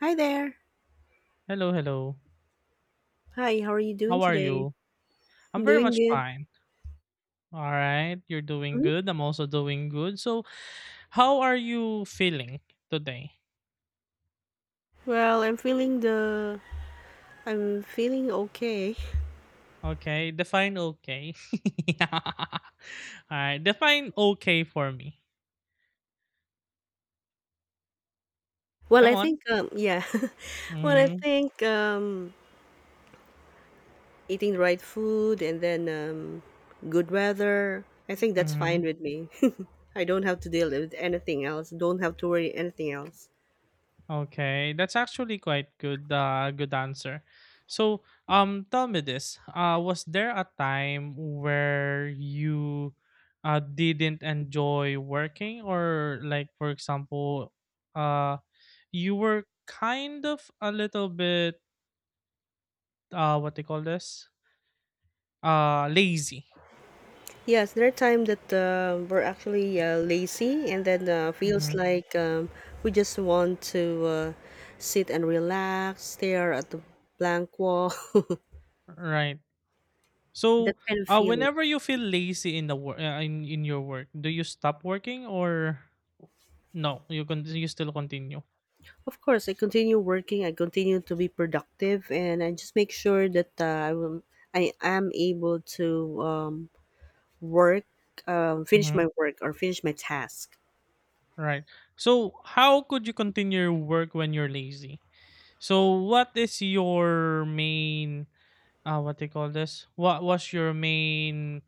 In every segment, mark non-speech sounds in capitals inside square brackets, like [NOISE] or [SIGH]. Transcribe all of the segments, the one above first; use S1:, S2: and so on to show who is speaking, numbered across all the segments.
S1: Hi there.
S2: Hello, hello.
S1: Hi, how are you doing
S2: How are
S1: today?
S2: you?
S1: I'm
S2: I'm very
S1: doing
S2: much
S1: good.
S2: fine. All right. You're doing
S1: hmm
S2: good. I'm also doing good. So, how are you feeling today?
S1: Well, I'm feeling okay.
S2: Okay. Define okay. [LAUGHS] All right. Define okay for me.
S1: [LAUGHS] Well,
S2: Come
S1: I
S2: on.
S1: think yeah. [LAUGHS] Well, I
S2: Mm-hmm.
S1: think eating the right food, and then good weather. I think that's fine
S2: Mm-hmm.
S1: with me. [LAUGHS] I don't have to deal with anything else. Don't have to worry anything else.
S2: Okay, that's actually quite good good answer. So, tell me this. Was there a time where you didn't enjoy working, or, like, for example, uh you were kind of a little bit, what they call this? Lazy.
S1: Yes, there are times that we're actually lazy, and then
S2: Hmm.
S1: feels like we just want to sit and relax, stare at the blank wall, [LAUGHS]
S2: Right.
S1: that
S2: So,
S1: kind of feeling.
S2: whenever you feel lazy in the work, in your work, do you stop working, or no? You still continue.
S1: Of course, I continue working, I continue to be productive, and I just make sure that I am able to work, finish
S2: Hmm.
S1: my work, or finish my task.
S2: Right. So, how could you continue your work when you're lazy? So, what is your main, what do you call this? What was your main?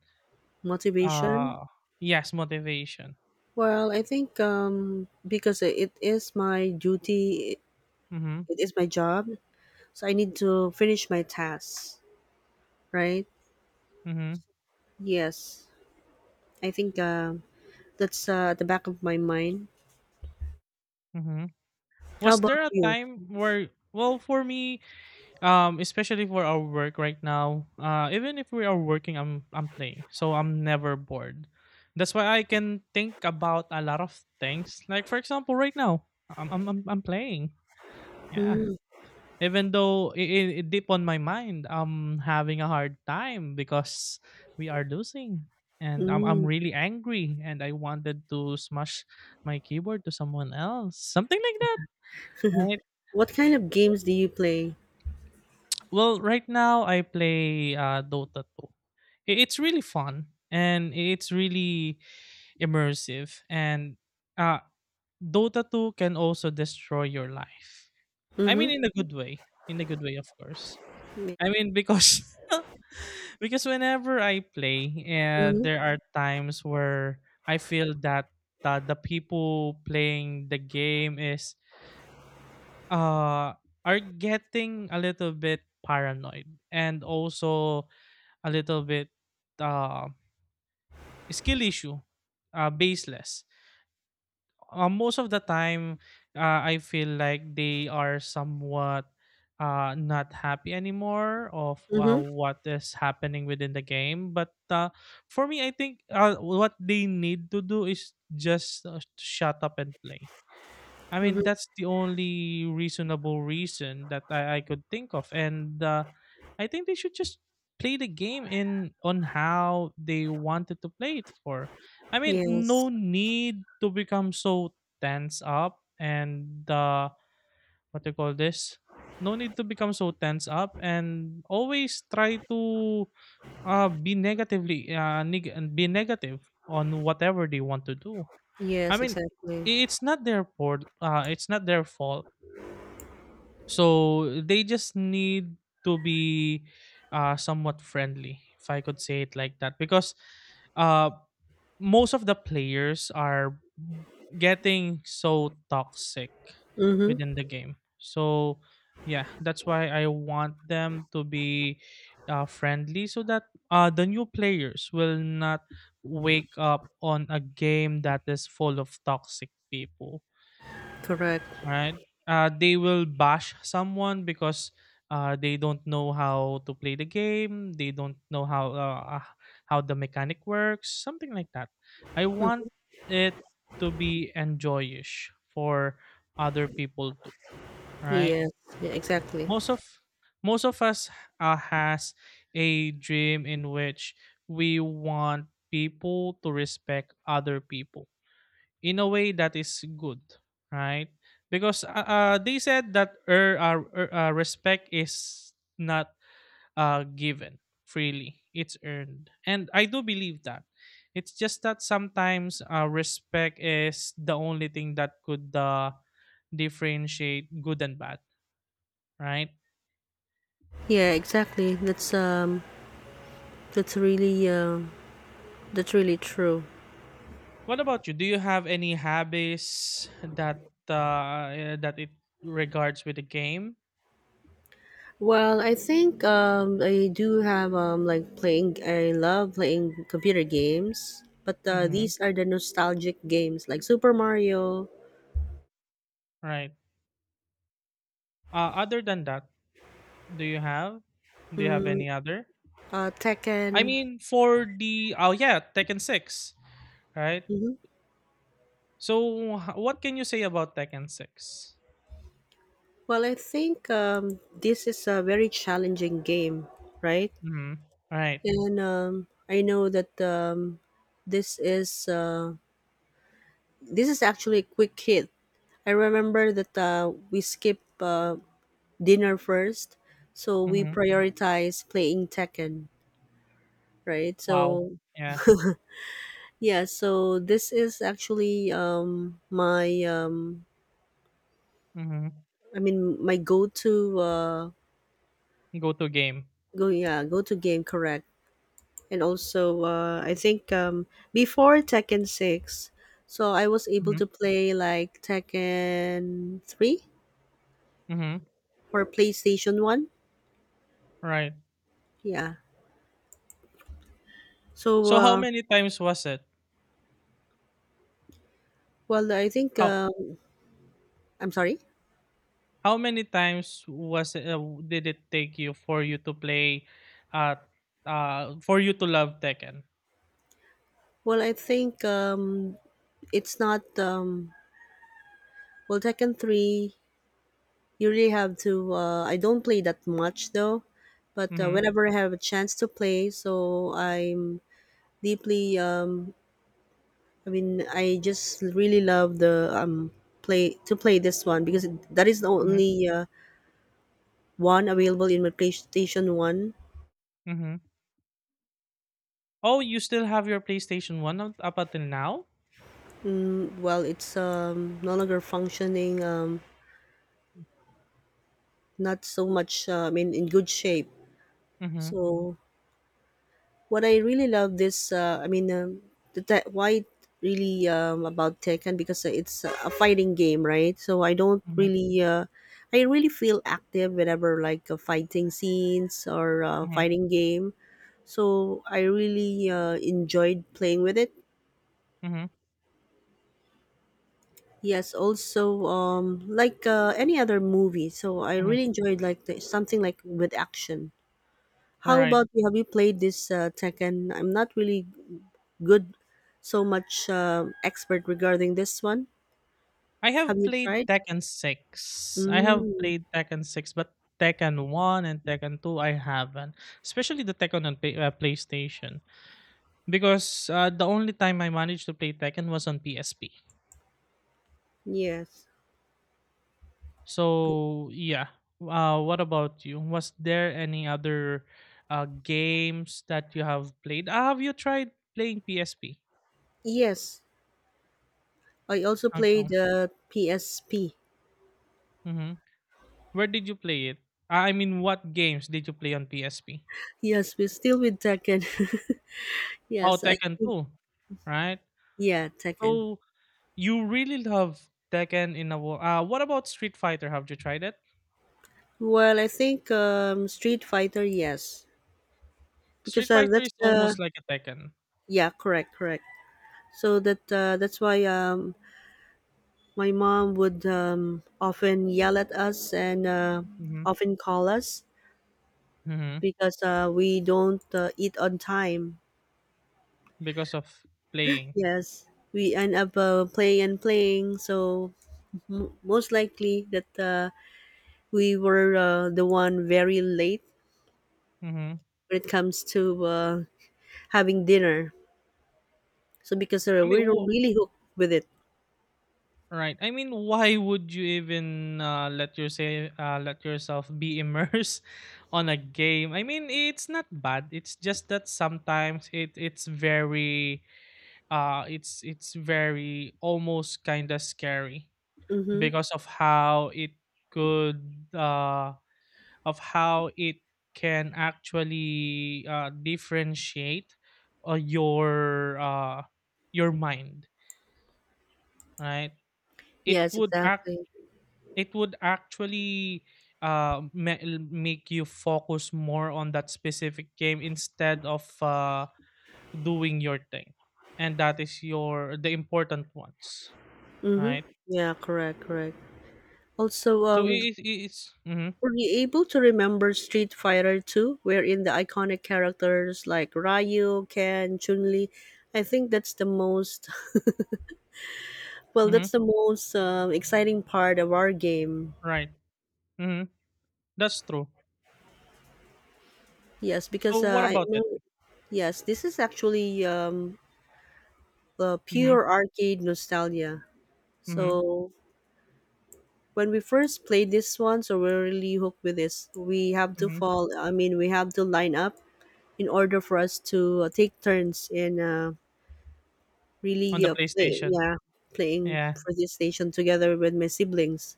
S1: Motivation.
S2: Ah, yes, motivation.
S1: Well, I think because it is my duty.
S2: Mhm,
S1: It is my job, so I need to finish my tasks, right?
S2: mhm,
S1: Yes, I think that's at the back of my mind.
S2: mhm.
S1: How
S2: Was
S1: about
S2: there a
S1: you?
S2: time where, well, for me, especially for our work right now, even if we are working, I'm playing, so I'm never bored. That's why I can think about a lot of things. Like, for example, right now, I'm playing. Yeah.
S1: Mm.
S2: Even though I deep on my mind, I'm having a hard time because we are losing. And I'm
S1: Mm.
S2: really angry and I wanted to smash my keyboard to someone else. Something like that. Right?
S1: What kind of games do you play?
S2: Well, right now I play, Dota 2. It's really fun and it's really immersive. And, uh, Dota 2 can also destroy your life. I mean,
S1: Mm-hmm.
S2: in a good way. In a good way, of course. I mean, because [LAUGHS] because whenever I play, and
S1: Mm-hmm.
S2: there are times where I feel that, the people playing the game is uh are getting a little bit paranoid, and also a little bit, uh skill issue, baseless. Most of the time, I feel like they are somewhat not happy anymore of,
S1: Mm-hmm.
S2: what is happening within the game, but, for me, I think, what they need to do is just, shut up and play. I mean,
S1: Mm-hmm.
S2: that's the only reasonable reason that I could think of, and, I think they should just play the game in on how they wanted to play it for. I mean, no
S1: Yes.
S2: need to become so tense up, and, what do you call this? No need to become so tense up and always try to, be negatively, be negative on whatever they want to do. I
S1: Yes,
S2: mean,
S1: exactly.
S2: it's not their fault. It's not their fault. So they just need to be, somewhat friendly, if I could say it like that, because, uh, most of the players are getting so toxic
S1: Mm-hmm.
S2: within the game. So yeah, that's why I want them to be, friendly, so that, the new players will not wake up on a game that is full of toxic people,
S1: Correct.
S2: right? They will bash someone because, they don't know how to play the game. They don't know how the mechanic works, something like that. I want
S1: Mm.
S2: it to be enjoyish for other people too, right?
S1: Yes. Yeah, exactly.
S2: Most of most of us, has a dream in which we want people to respect other people in a way that is good, right? Because, they said that, respect is not, given freely; it's earned, and I do believe that. It's just that sometimes, respect is the only thing that could, differentiate good and bad, right?
S1: Yeah, exactly. That's really um that's really true.
S2: What about you? Do you have any habits that it regards with the game?
S1: Well, I think I do have like playing. I love playing computer games, but
S2: Mm-hmm.
S1: these are the nostalgic games like Super Mario,
S2: Right. Other than that. Do you have? Do you have
S1: mm,
S2: any other? I
S1: Tekken.
S2: mean, for the oh yeah, Tekken Six, right?
S1: hmm
S2: So what can you say about Tekken Six?
S1: Well, I think this is a very challenging game, right?
S2: Mm-hmm. All right.
S1: And I know that this is uh, this is actually a quick hit. I remember that we skip dinner first, so we
S2: Mm-hmm.
S1: prioritize playing Tekken, right?
S2: Wow.
S1: So
S2: Yeah.
S1: yeah, so this is actually my
S2: Mm-hmm.
S1: I mean my go-to
S2: Go to game.
S1: go yeah, go-to game, correct. And also I think before Tekken 6, so I was able
S2: Mm-hmm.
S1: to play like Tekken 3
S2: Mm-hmm.
S1: for PlayStation 1.
S2: Right.
S1: Yeah. So
S2: So how many times was it?
S1: well I think
S2: How
S1: um I'm sorry.
S2: How many times was did it take you for you to play, uh for you to love Tekken?
S1: Well, I think it's not well, Tekken 3, you really have to. I don't play that much though, but
S2: Mhm.
S1: whenever I have a chance to play, so I'm deeply. I mean, I just really love the play to play this one because that is the
S2: Mhm.
S1: only one available in my PlayStation 1.
S2: Mhm. Oh, you still have your PlayStation 1 up until now?
S1: Mm, well, it's no longer functioning. Not so much. I mean, in good shape.
S2: Mhm.
S1: So what I really love this, I mean, why it really about Tekken because it's a fighting game, right? So I don't
S2: Mhm.
S1: really, I really feel active whenever like fighting scenes or
S2: Mhm.
S1: fighting game. So I really enjoyed playing with it.
S2: Mhm.
S1: Yes, also like any other movie. So I
S2: Mhm.
S1: really enjoyed like something like with action.
S2: All
S1: How
S2: right.
S1: about you? Have you played this Tekken? I'm not really good so much expert regarding this one.
S2: I
S1: Have
S2: have
S1: you
S2: played
S1: tried?
S2: Tekken 6. I have
S1: Mm,
S2: played Tekken 6, but Tekken 1 and Tekken 2 I haven't. Especially the Tekken on PlayStation, because, the only time I managed to play Tekken was on PSP.
S1: yes.
S2: So, yeah. What about you? Was there any other, games that you have played? Have you tried playing PSP?
S1: Yes, I also played
S2: Okay.
S1: the PSP.
S2: Mm-hmm. Where did you play it? I mean, what games did you play on PSP?
S1: Yes, we're still with Tekken. [LAUGHS]
S2: Oh,
S1: Yes, I
S2: Tekken 2, right?
S1: yeah, Tekken.
S2: So you really love Tekken in a what about Street Fighter? Have you tried it?
S1: Well, I think Street Fighter, yes, because
S2: Street Fighter
S1: that's
S2: is
S1: the
S2: almost like a Tekken.
S1: yeah, correct, correct. So that that's why my mom would often yell at us, and
S2: Mm-hmm.
S1: often call us
S2: Mm-hmm.
S1: because we don't eat on time.
S2: Because of playing.
S1: Yes, we end up playing and playing. So most likely that we were the one very late
S2: Mm-hmm.
S1: when it comes to having dinner. So because
S2: I mean,
S1: we are really hooked with it.
S2: right. I mean, why would you even, let yourself be immersed [LAUGHS] on a game? I mean, it's not bad. It's just that sometimes it's very almost kind of scary
S1: Mm-hmm.
S2: because could uh of how it can actually, differentiate, uh, your uh your mind, right? It
S1: Yes,
S2: would
S1: exactly.
S2: It would actually, make you focus more on that specific game instead of, doing your thing, and that is your the important ones,
S1: Mm-hmm.
S2: right?
S1: Yeah, correct, correct. Also,
S2: So it's, mm-hmm,
S1: were you able to remember Street Fighter 2, wherein the iconic characters like Ryu, Ken, Chun-Li? I think that's the most, [LAUGHS] Well,
S2: mm-hmm,
S1: that's the most exciting part of our game.
S2: right. Mm-hmm, that's true.
S1: Yes, because
S2: So what
S1: I
S2: about it?
S1: know, yes, this is actually
S2: Mm-hmm,
S1: pure arcade nostalgia.
S2: mm-hmm,
S1: So when we first played this one, so we're really hooked with this. We have to
S2: mm-hmm,
S1: fall, I mean, we have to line up in order for us to take turns in really
S2: on the
S1: play
S2: PlayStation,
S1: yeah, playing
S2: yeah.
S1: PlayStation together with my siblings.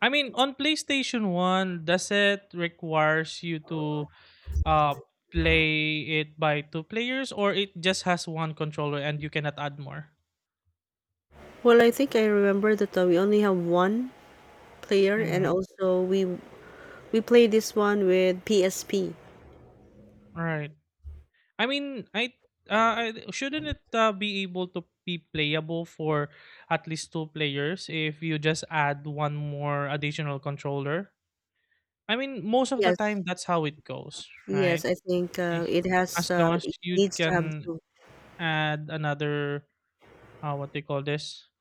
S2: I mean, on PlayStation One, does it requires you to, uh play it by two players, or it just has one controller and you cannot add more?
S1: Well, I think I remember that we only have one player, and
S2: Mm-hmm.
S1: also we play this one with PSP.
S2: Right. I mean, shouldn't it, be able to be playable for at least two players if you just add one more additional controller? I mean, most of the
S1: Yes,
S2: time that's how it goes,
S1: yes,
S2: right?
S1: I think
S2: Eh, as long as
S1: it
S2: you
S1: needs to have
S2: can
S1: two.
S2: add another, what they call this,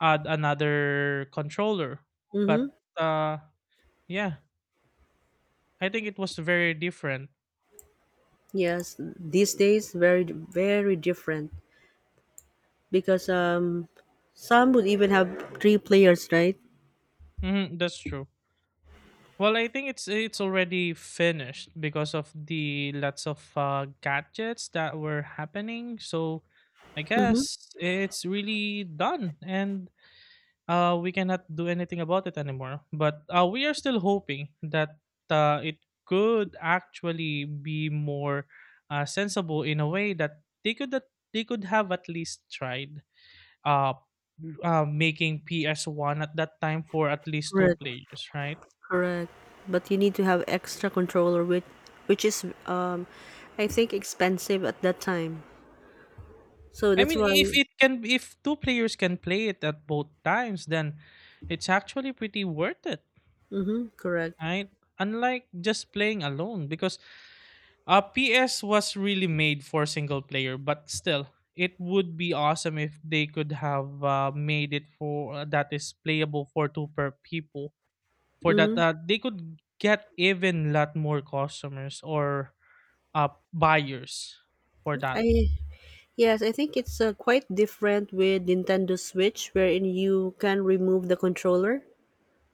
S2: add another controller, but,
S1: Mm-hmm.
S2: uh yeah, I think it was very different.
S1: Yes, these days very very different because some would even have three players, right?
S2: Hmm. That's true. Well, I think it's already finished because of the lots of, gadgets that were happening. So I
S1: Mm-hmm.
S2: guess it's really done, and, we cannot do anything about it anymore. But, we are still hoping that, it could actually be more, sensible, in a way that they could have at least tried. uh, Making PS1 at that time for at least
S1: Right.
S2: two players, right?
S1: Correct. But you need to have extra controller, which is I think expensive at that time. So
S2: I
S1: that's
S2: mean,
S1: why.
S2: if two players can play it at both times, then it's actually pretty worth it,
S1: Mhm Correct.
S2: right? Unlike just playing alone, because, PS was really made for single player, but still, it would be awesome if they could have, made it for, that is playable for two per people. For that,
S1: Mhm.
S2: they could get even lot more customers, or, buyers for that.
S1: I Yes, I think it's quite different with Nintendo Switch wherein you can remove the controller,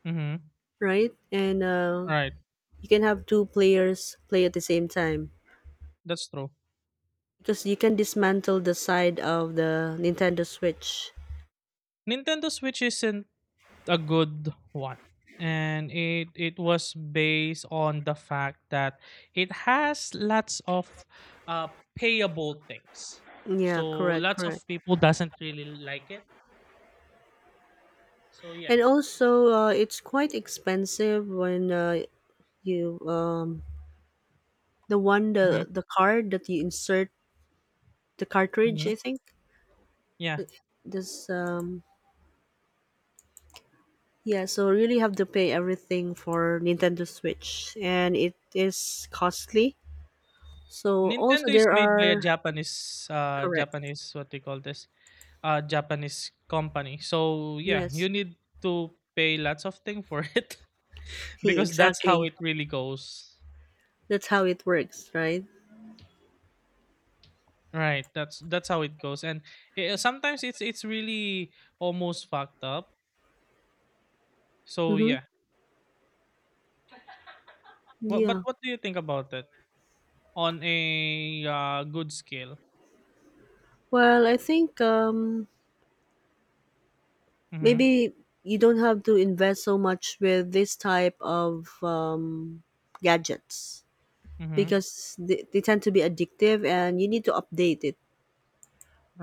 S2: Mhm.
S1: right? And
S2: Right.
S1: you can have two players play at the same time
S2: That's true.
S1: because you can dismantle the side of the Nintendo Switch.
S2: Nintendo Switch isn't a good one. And it was based on the fact that it has lots of, payable things.
S1: Yeah,
S2: So
S1: correct,
S2: lots of
S1: correct.
S2: people doesn't really like it. So yeah.
S1: And also, it's quite expensive when You the one
S2: Mhm.
S1: the card that you insert, the cartridge, I
S2: Mhm.
S1: think.
S2: Yeah.
S1: Th- This yeah, so really have to pay everything for Nintendo Switch, and it is costly. So also
S2: Nintendo is
S1: there
S2: made by a
S1: are
S2: Japanese,
S1: correct.
S2: Japanese, what do you call this? Japanese company. So yeah,
S1: Yes.
S2: you need to pay lots of thing for [LAUGHS] it,
S1: [LAUGHS]
S2: because that's how
S1: Exactly.
S2: it really goes.
S1: That's how it works, right?
S2: Right, that's how it goes, and, sometimes it's really almost fucked up. So
S1: Mm-hmm.
S2: yeah, what but
S1: Yeah.
S2: what do you think about it on a, good scale?
S1: Well, I think
S2: Mm-hmm.
S1: maybe you don't have to invest so much with this type of gadgets.
S2: Mm-hmm.
S1: Because they tend to be addictive, and you need to update it,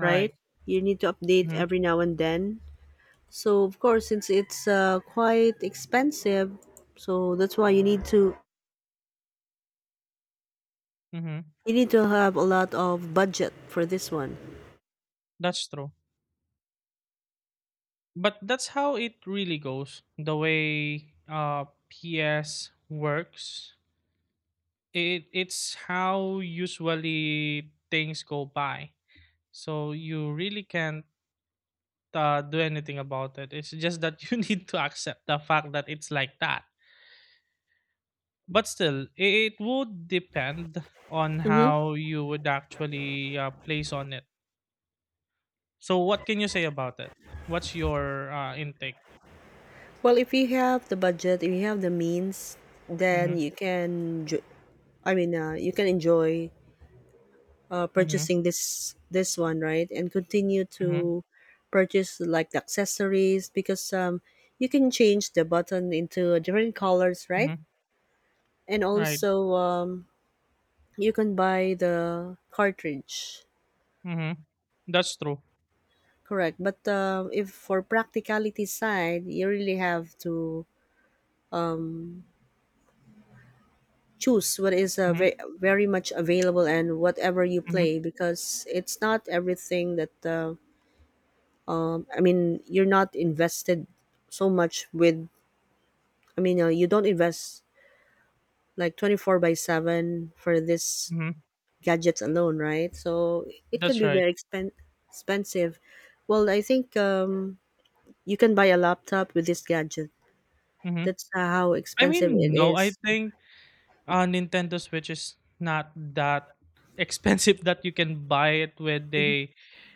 S1: right? You need to update
S2: Mm-hmm.
S1: every now and then. So of course, since it's quite expensive, so that's why
S2: Mm-hmm.
S1: you need to have a lot of budget for this one.
S2: That's true. But that's how it really goes. The way, PS works, it's how usually things go by, so you really can't, do anything about It's just that [LAUGHS] you need to accept the fact that it's like that, but still it would depend on how you would actually, place on it. So what can you say about it? What's your, intake?
S1: Well, if you have the budget, if you have the means,
S2: Mm-hmm,
S1: then I mean, you can enjoy
S2: mm-hmm,
S1: purchasing this one, right? And continue
S2: mm-hmm,
S1: to purchase like the accessories because you can change the button into different colors, right?
S2: mm-hmm.
S1: And
S2: Right.
S1: also you can buy the cartridge,
S2: Mm-hmm. That's true.
S1: correct. But if for practicality side, you really have to choose what is
S2: Mm-hmm,
S1: very, very much available, and whatever you
S2: mm-hmm,
S1: play because it's not everything that I mean you're not invested so much with I mean, you don't invest like 24 by 7 for this
S2: mm-hmm.
S1: gadgets alone, right? So it can
S2: That's
S1: be
S2: right.
S1: very expensive. Well, I think you can buy a laptop with this gadget.
S2: Mm-hmm.
S1: That's how
S2: I
S1: expensive
S2: mean,
S1: it
S2: no, I
S1: is.
S2: think, Nintendo Switch is not that [LAUGHS] expensive that you can buy it with a,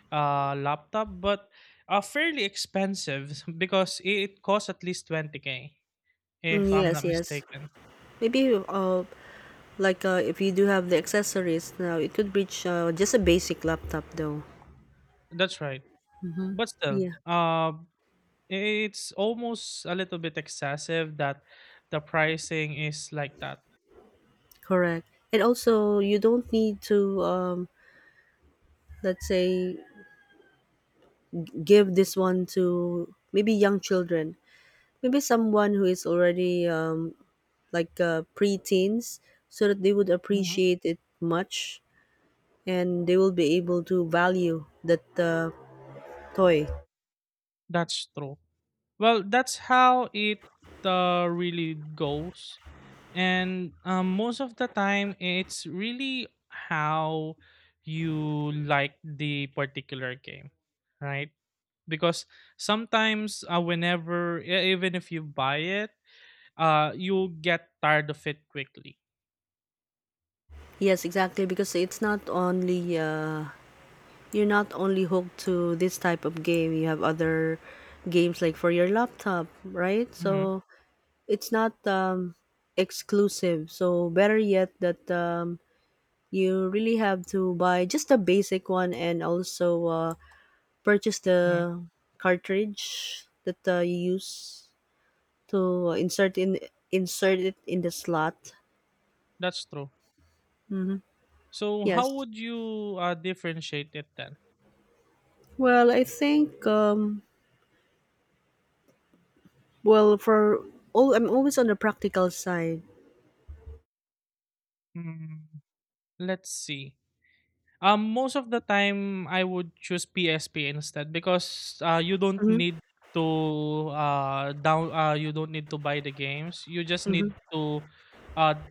S2: laptop, but, fairly expensive [LAUGHS] because it costs at least 20K,
S1: Mm,
S2: if I'm
S1: yes,
S2: not
S1: yes.
S2: mistaken.
S1: Maybe like if you do have the accessories now, it could reach just a basic laptop though.
S2: That's right. But still,
S1: Yeah,
S2: it's almost a little bit excessive that the pricing is like that.
S1: correct. And also, you don't need to, let's say, give this one to maybe young children. Maybe someone who is already like pre-teens, so that they would
S2: Mhm.
S1: appreciate it much, and they will be able to value that toy.
S2: That's true. Well, that's how it, really goes. And, most of the time it's really how you like the particular game, right? Because sometimes, whenever even if you buy it, you'll get tired of it quickly.
S1: Yes, exactly. Because it's not only you're not only hooked to this type of game. You have other games like for your laptop, right?
S2: Hmm.
S1: So it's not exclusive. So better yet, that you really have to buy just a basic one, and also purchase
S2: Hmm.
S1: the cartridge that you use to insert it in the slot.
S2: That's true. So how
S1: Yes.
S2: would you, differentiate it then?
S1: Well, I think well for all I'm always on the practical side.
S2: Mm, let's see. Most of the time, I would choose PSP instead, because, you don't
S1: Mhm.
S2: need to down you don't need to buy the games. You just
S1: Mhm.
S2: need to uh,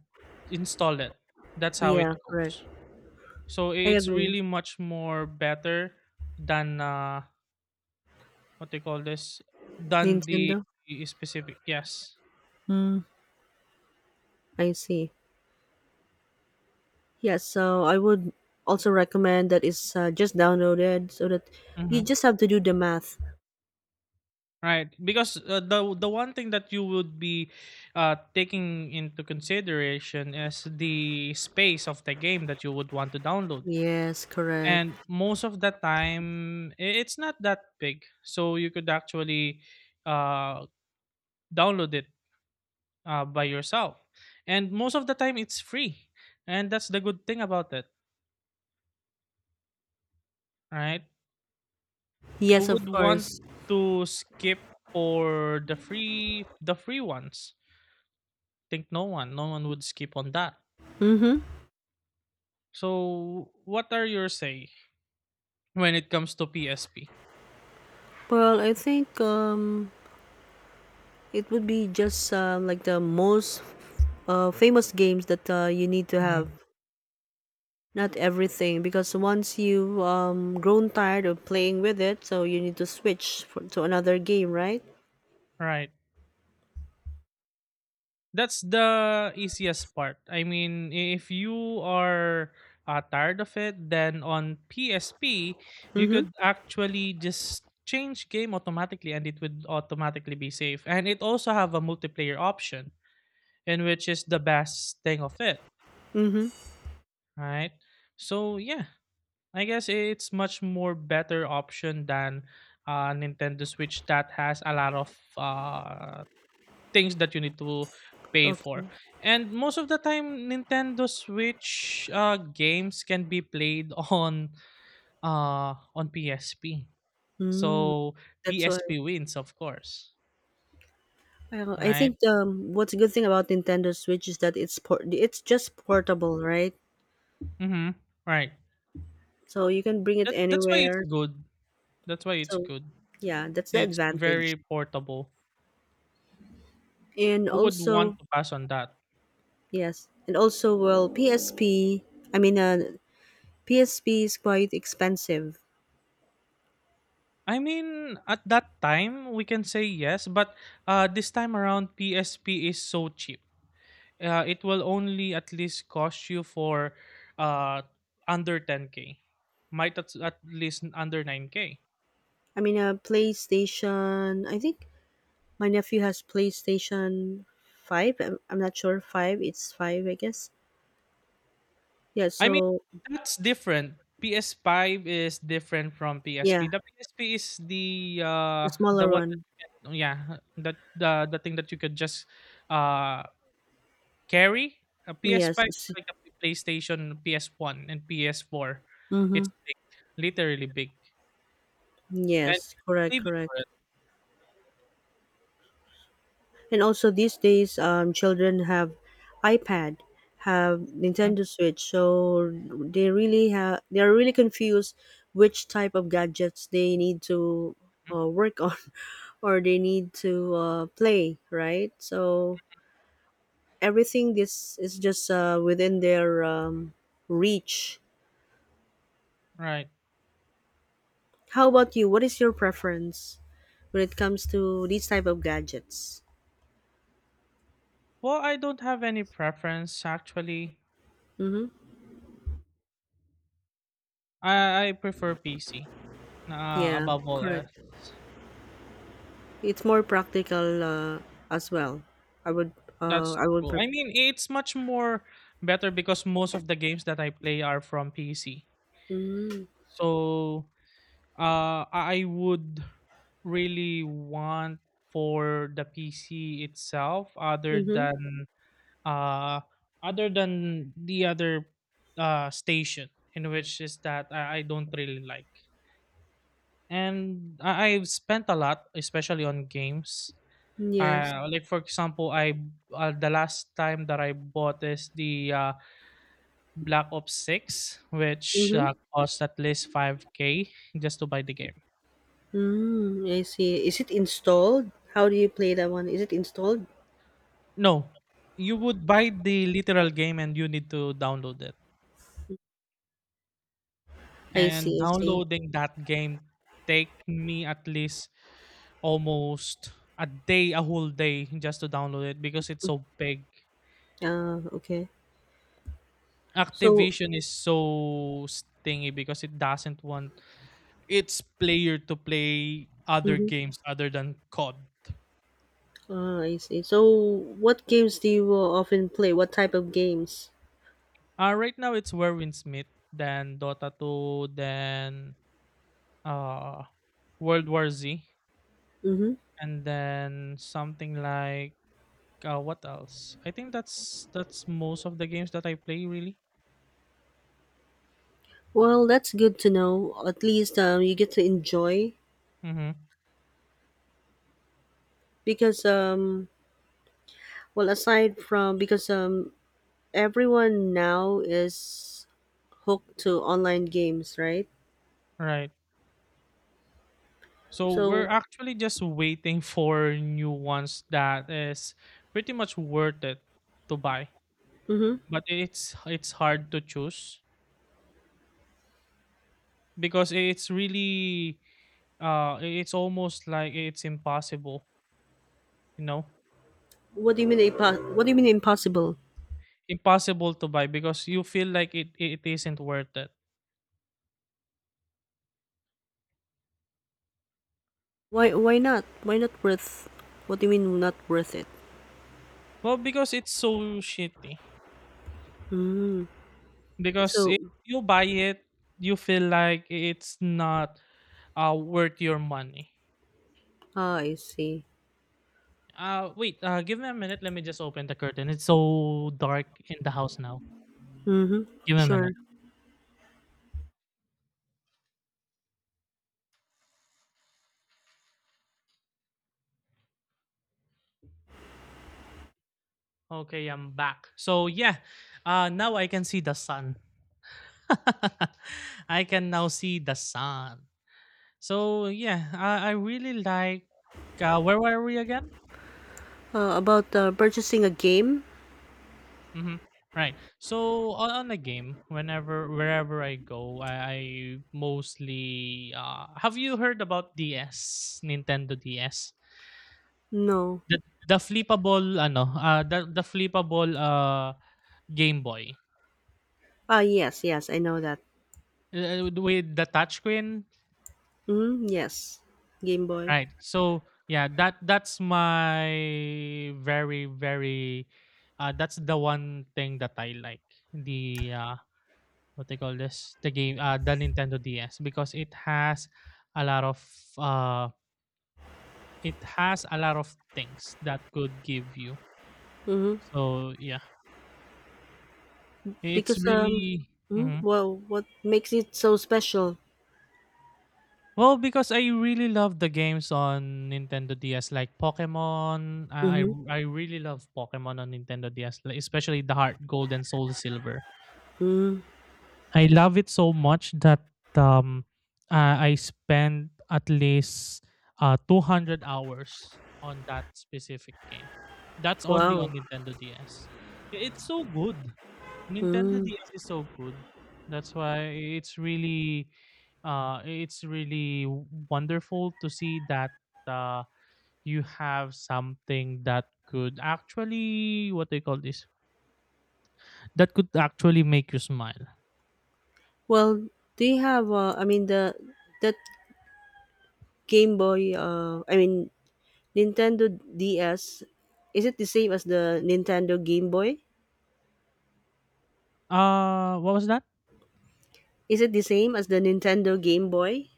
S2: install it. That's how
S1: Yeah,
S2: it
S1: correct.
S2: goes. So
S1: I
S2: it's
S1: agree.
S2: really much more better than what they call this than the
S1: Nintendo.
S2: specific. Yes.
S1: Mm, I see. Yeah, so I would also recommend that it's just downloaded so that you
S2: Mm-hmm.
S1: just have to do the math.
S2: Right, because the one thing that you would be taking into consideration is the space of the game that you would want to download,
S1: Yes, correct.
S2: and most of the time it's not that big, so you could actually uh, download it by yourself, and most of the time it's free, and that's the good thing about it, right?
S1: Yes,
S2: Who
S1: of
S2: would want
S1: course.
S2: to skip for the free ones? Think no one, no one would skip on that.
S1: Mm-hmm.
S2: So, what are your say when it comes to PSP?
S1: Well, I think it would be just like the most famous games that you need to have.
S2: Mhm.
S1: Not everything, because once you've grown tired of playing with it, so you need to switch to another game, right?
S2: Right. That's the easiest part. I mean, if you are tired of it, then on PSP, you
S1: Mm-hmm.
S2: could actually just change game automatically and it would automatically be safe. And it also have a multiplayer option, in which is the best thing of it,
S1: Mm-hmm.
S2: right? So, yeah, I guess it's much more better option than Nintendo Switch that has a lot of uh, things that you need to pay for.
S1: Okay.
S2: And most of the time, Nintendo Switch games can be played [LAUGHS] on PSP.
S1: Mm,
S2: So
S1: that's why.
S2: PSP wins, of course.
S1: Well, I
S2: Right?
S1: think what's a good thing about Nintendo Switch is that it's just portable, right?
S2: Mm-hmm. Right.
S1: So you can bring it
S2: That's why it's
S1: anywhere.
S2: good. That's why it's
S1: So
S2: good.
S1: yeah, that's the
S2: It's
S1: advantage.
S2: very portable.
S1: And
S2: Who would
S1: also,
S2: want to pass on that?
S1: yes, and also, well, PSP. I mean, PSP is quite expensive.
S2: I mean, at that time, we can say yes, but this time around, PSP is so cheap. It will only at least cost you for uh, under 10K. Might at least under 9K.
S1: I mean, a PlayStation. I think my nephew has PlayStation 5. I'm not sure. Five. It's five, I guess. Yeah.
S2: I mean,
S1: So
S2: that's different. PS5 is different from
S1: yeah,
S2: PSP. The PSP is
S1: the
S2: the
S1: smaller
S2: one that
S1: one.
S2: you can, yeah, that the thing that you could just uh carry? A PS5 is
S1: Yes.
S2: like a PlayStation, PS1, and PS4.
S1: Mm-hmm.
S2: It's big, literally big. And
S1: Yes.
S2: the
S1: Correct.
S2: TV
S1: Correct.
S2: for it.
S1: And also these days, children have iPad, have
S2: Mhm.
S1: Nintendo Switch, so they are really confused which type of gadgets they need to work on [LAUGHS] or they need to play, right? So everything this is just within their reach.
S2: Right.
S1: How about you? What is your preference when it comes to these type of gadgets?
S2: Well, I don't have any preference actually.
S1: Mm-hmm.
S2: I prefer PC.
S1: Yeah,
S2: Above all
S1: correct.
S2: else.
S1: It's more practical as well. I would
S2: That's
S1: I would
S2: true.
S1: prefer.
S2: I mean, it's much more better because most of the games that I play are from PC.
S1: Mm,
S2: So I would really want for the PC itself
S1: mm-hmm.
S2: uh other than the other station in which is that I don't really like, and I've spent a lot especially on games
S1: Yes.
S2: like for example I the last time that I bought is the Black Ops 6 which
S1: Mm-hmm.
S2: cost at least 5K just to buy the game.
S1: Mm, I see. Is it installed? How do you play that one? Is it installed?
S2: No, you would buy the literal game and you need to download it.
S1: I
S2: And
S1: see. I see.
S2: downloading that game take me at least almost a day, a whole day just to download it because it's so big.
S1: Ah, okay. So.
S2: Activision is so stingy because it doesn't want its player to play other
S1: Mm-hmm.
S2: games other than COD.
S1: Ah, I see. So, what games do you often play? What type of games?
S2: Right now it's Warwind Smith, then Dota 2, then uh World War Z,
S1: Mm-hmm.
S2: and then something like what else? I think that's most of the games that I play really.
S1: Well, that's good to know. At least you get to enjoy
S2: Mm-hmm.
S1: because well, aside from, because everyone now is hooked to online games, right?
S2: Right. So we're
S1: So,
S2: actually just waiting for new ones that is pretty much worth it to buy.
S1: hmm,
S2: But it's hard to choose because it's really it's almost like it's impossible, you know?
S1: what do you mean impossible?
S2: Impossible to buy because you feel like it isn't worth it.
S1: Why not? Why not worth? What do you mean not worth it?
S2: Well, because it's so shitty.
S1: Mm.
S2: Because
S1: So,
S2: if you buy it, you feel like it's not worth your money.
S1: ah, I see.
S2: Wait, give me a minute. Let me just open the curtain. It's so dark in the house now.
S1: Mm-hmm.
S2: Give me a
S1: Sure.
S2: minute. Okay, I'm back. So, yeah, now I can see the sun. [LAUGHS] I can now see the sun. So, yeah, I really like. Where were we again?
S1: About purchasing a game?
S2: Mm-hmm. Right. So on the game, whenever wherever I go, I mostly have you heard about DS, Nintendo DS?
S1: No.
S2: The the flippable ano, the flippable Game Boy.
S1: Ah, yes, yes, I know that.
S2: With the touchscreen.
S1: Mm-hmm. Yes, Game Boy.
S2: Right. So yeah, that that's my very, very that's the one thing that I like. The what they call this, the game, the Nintendo DS, because it has a lot of uh it has a lot of things that could give you.
S1: Mm-hmm.
S2: So yeah, it's
S1: Because
S2: really. Mhm.
S1: well, what makes it so special?
S2: Well, because I really love the games on Nintendo DS like Pokemon. I I
S1: Mm-hmm.
S2: I really love Pokemon on Nintendo DS, like, especially the Heart Gold and Soul Silver.
S1: Mm.
S2: I love it so much that um, I spend at least 200 hours on that specific game. That's only
S1: Wow.
S2: on Nintendo DS. It's so good. Nintendo
S1: Mm.
S2: DS is so good. That's why it's really wonderful to see that uh, you have something that could actually, what they call this, that could actually make you smile.
S1: Well, they have. I mean the that Game Boy. I mean Nintendo DS. Is it the same as the Nintendo Game Boy?
S2: What was that?
S1: Is it the same as the Nintendo Game Boy?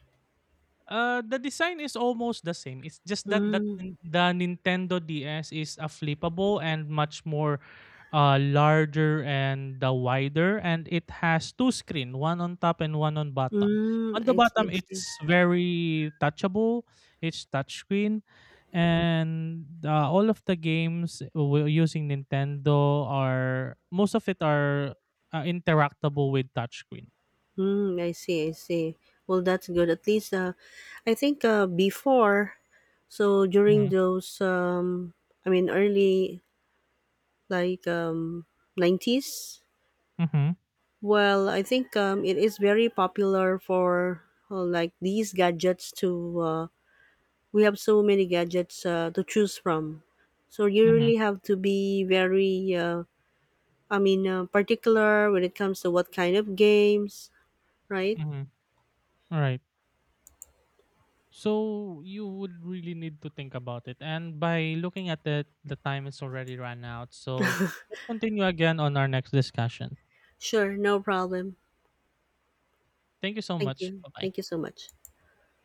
S2: The design is almost the same. It's just that that
S1: Mm,
S2: the Nintendo DS is a flippable and much more larger and the wider and it has two screen, one on top and one on bottom.
S1: mm,
S2: On the
S1: I see, I
S2: bottom
S1: see.
S2: it's very touchable, it's touchscreen, and all of the games using Nintendo are most of it are interactable with touchscreen.
S1: Mm, I see, I see. Well, that's good. At least, I think before, so during
S2: Mhm.
S1: those, I mean, early like 90s.
S2: Mhm.
S1: Well, I think it is very popular for like these gadgets to. We have so many gadgets to choose from, so you
S2: Mhm.
S1: really have to be very. I mean, particular when it comes to what kind of games, right?
S2: Mhm. Right. So you would really need to think about it. And by looking at it, the time is already run out. So let's continue again on our next discussion.
S1: Sure, no problem.
S2: Thank you so
S1: Thank
S2: much.
S1: you.
S2: Bye bye.
S1: Thank you so much.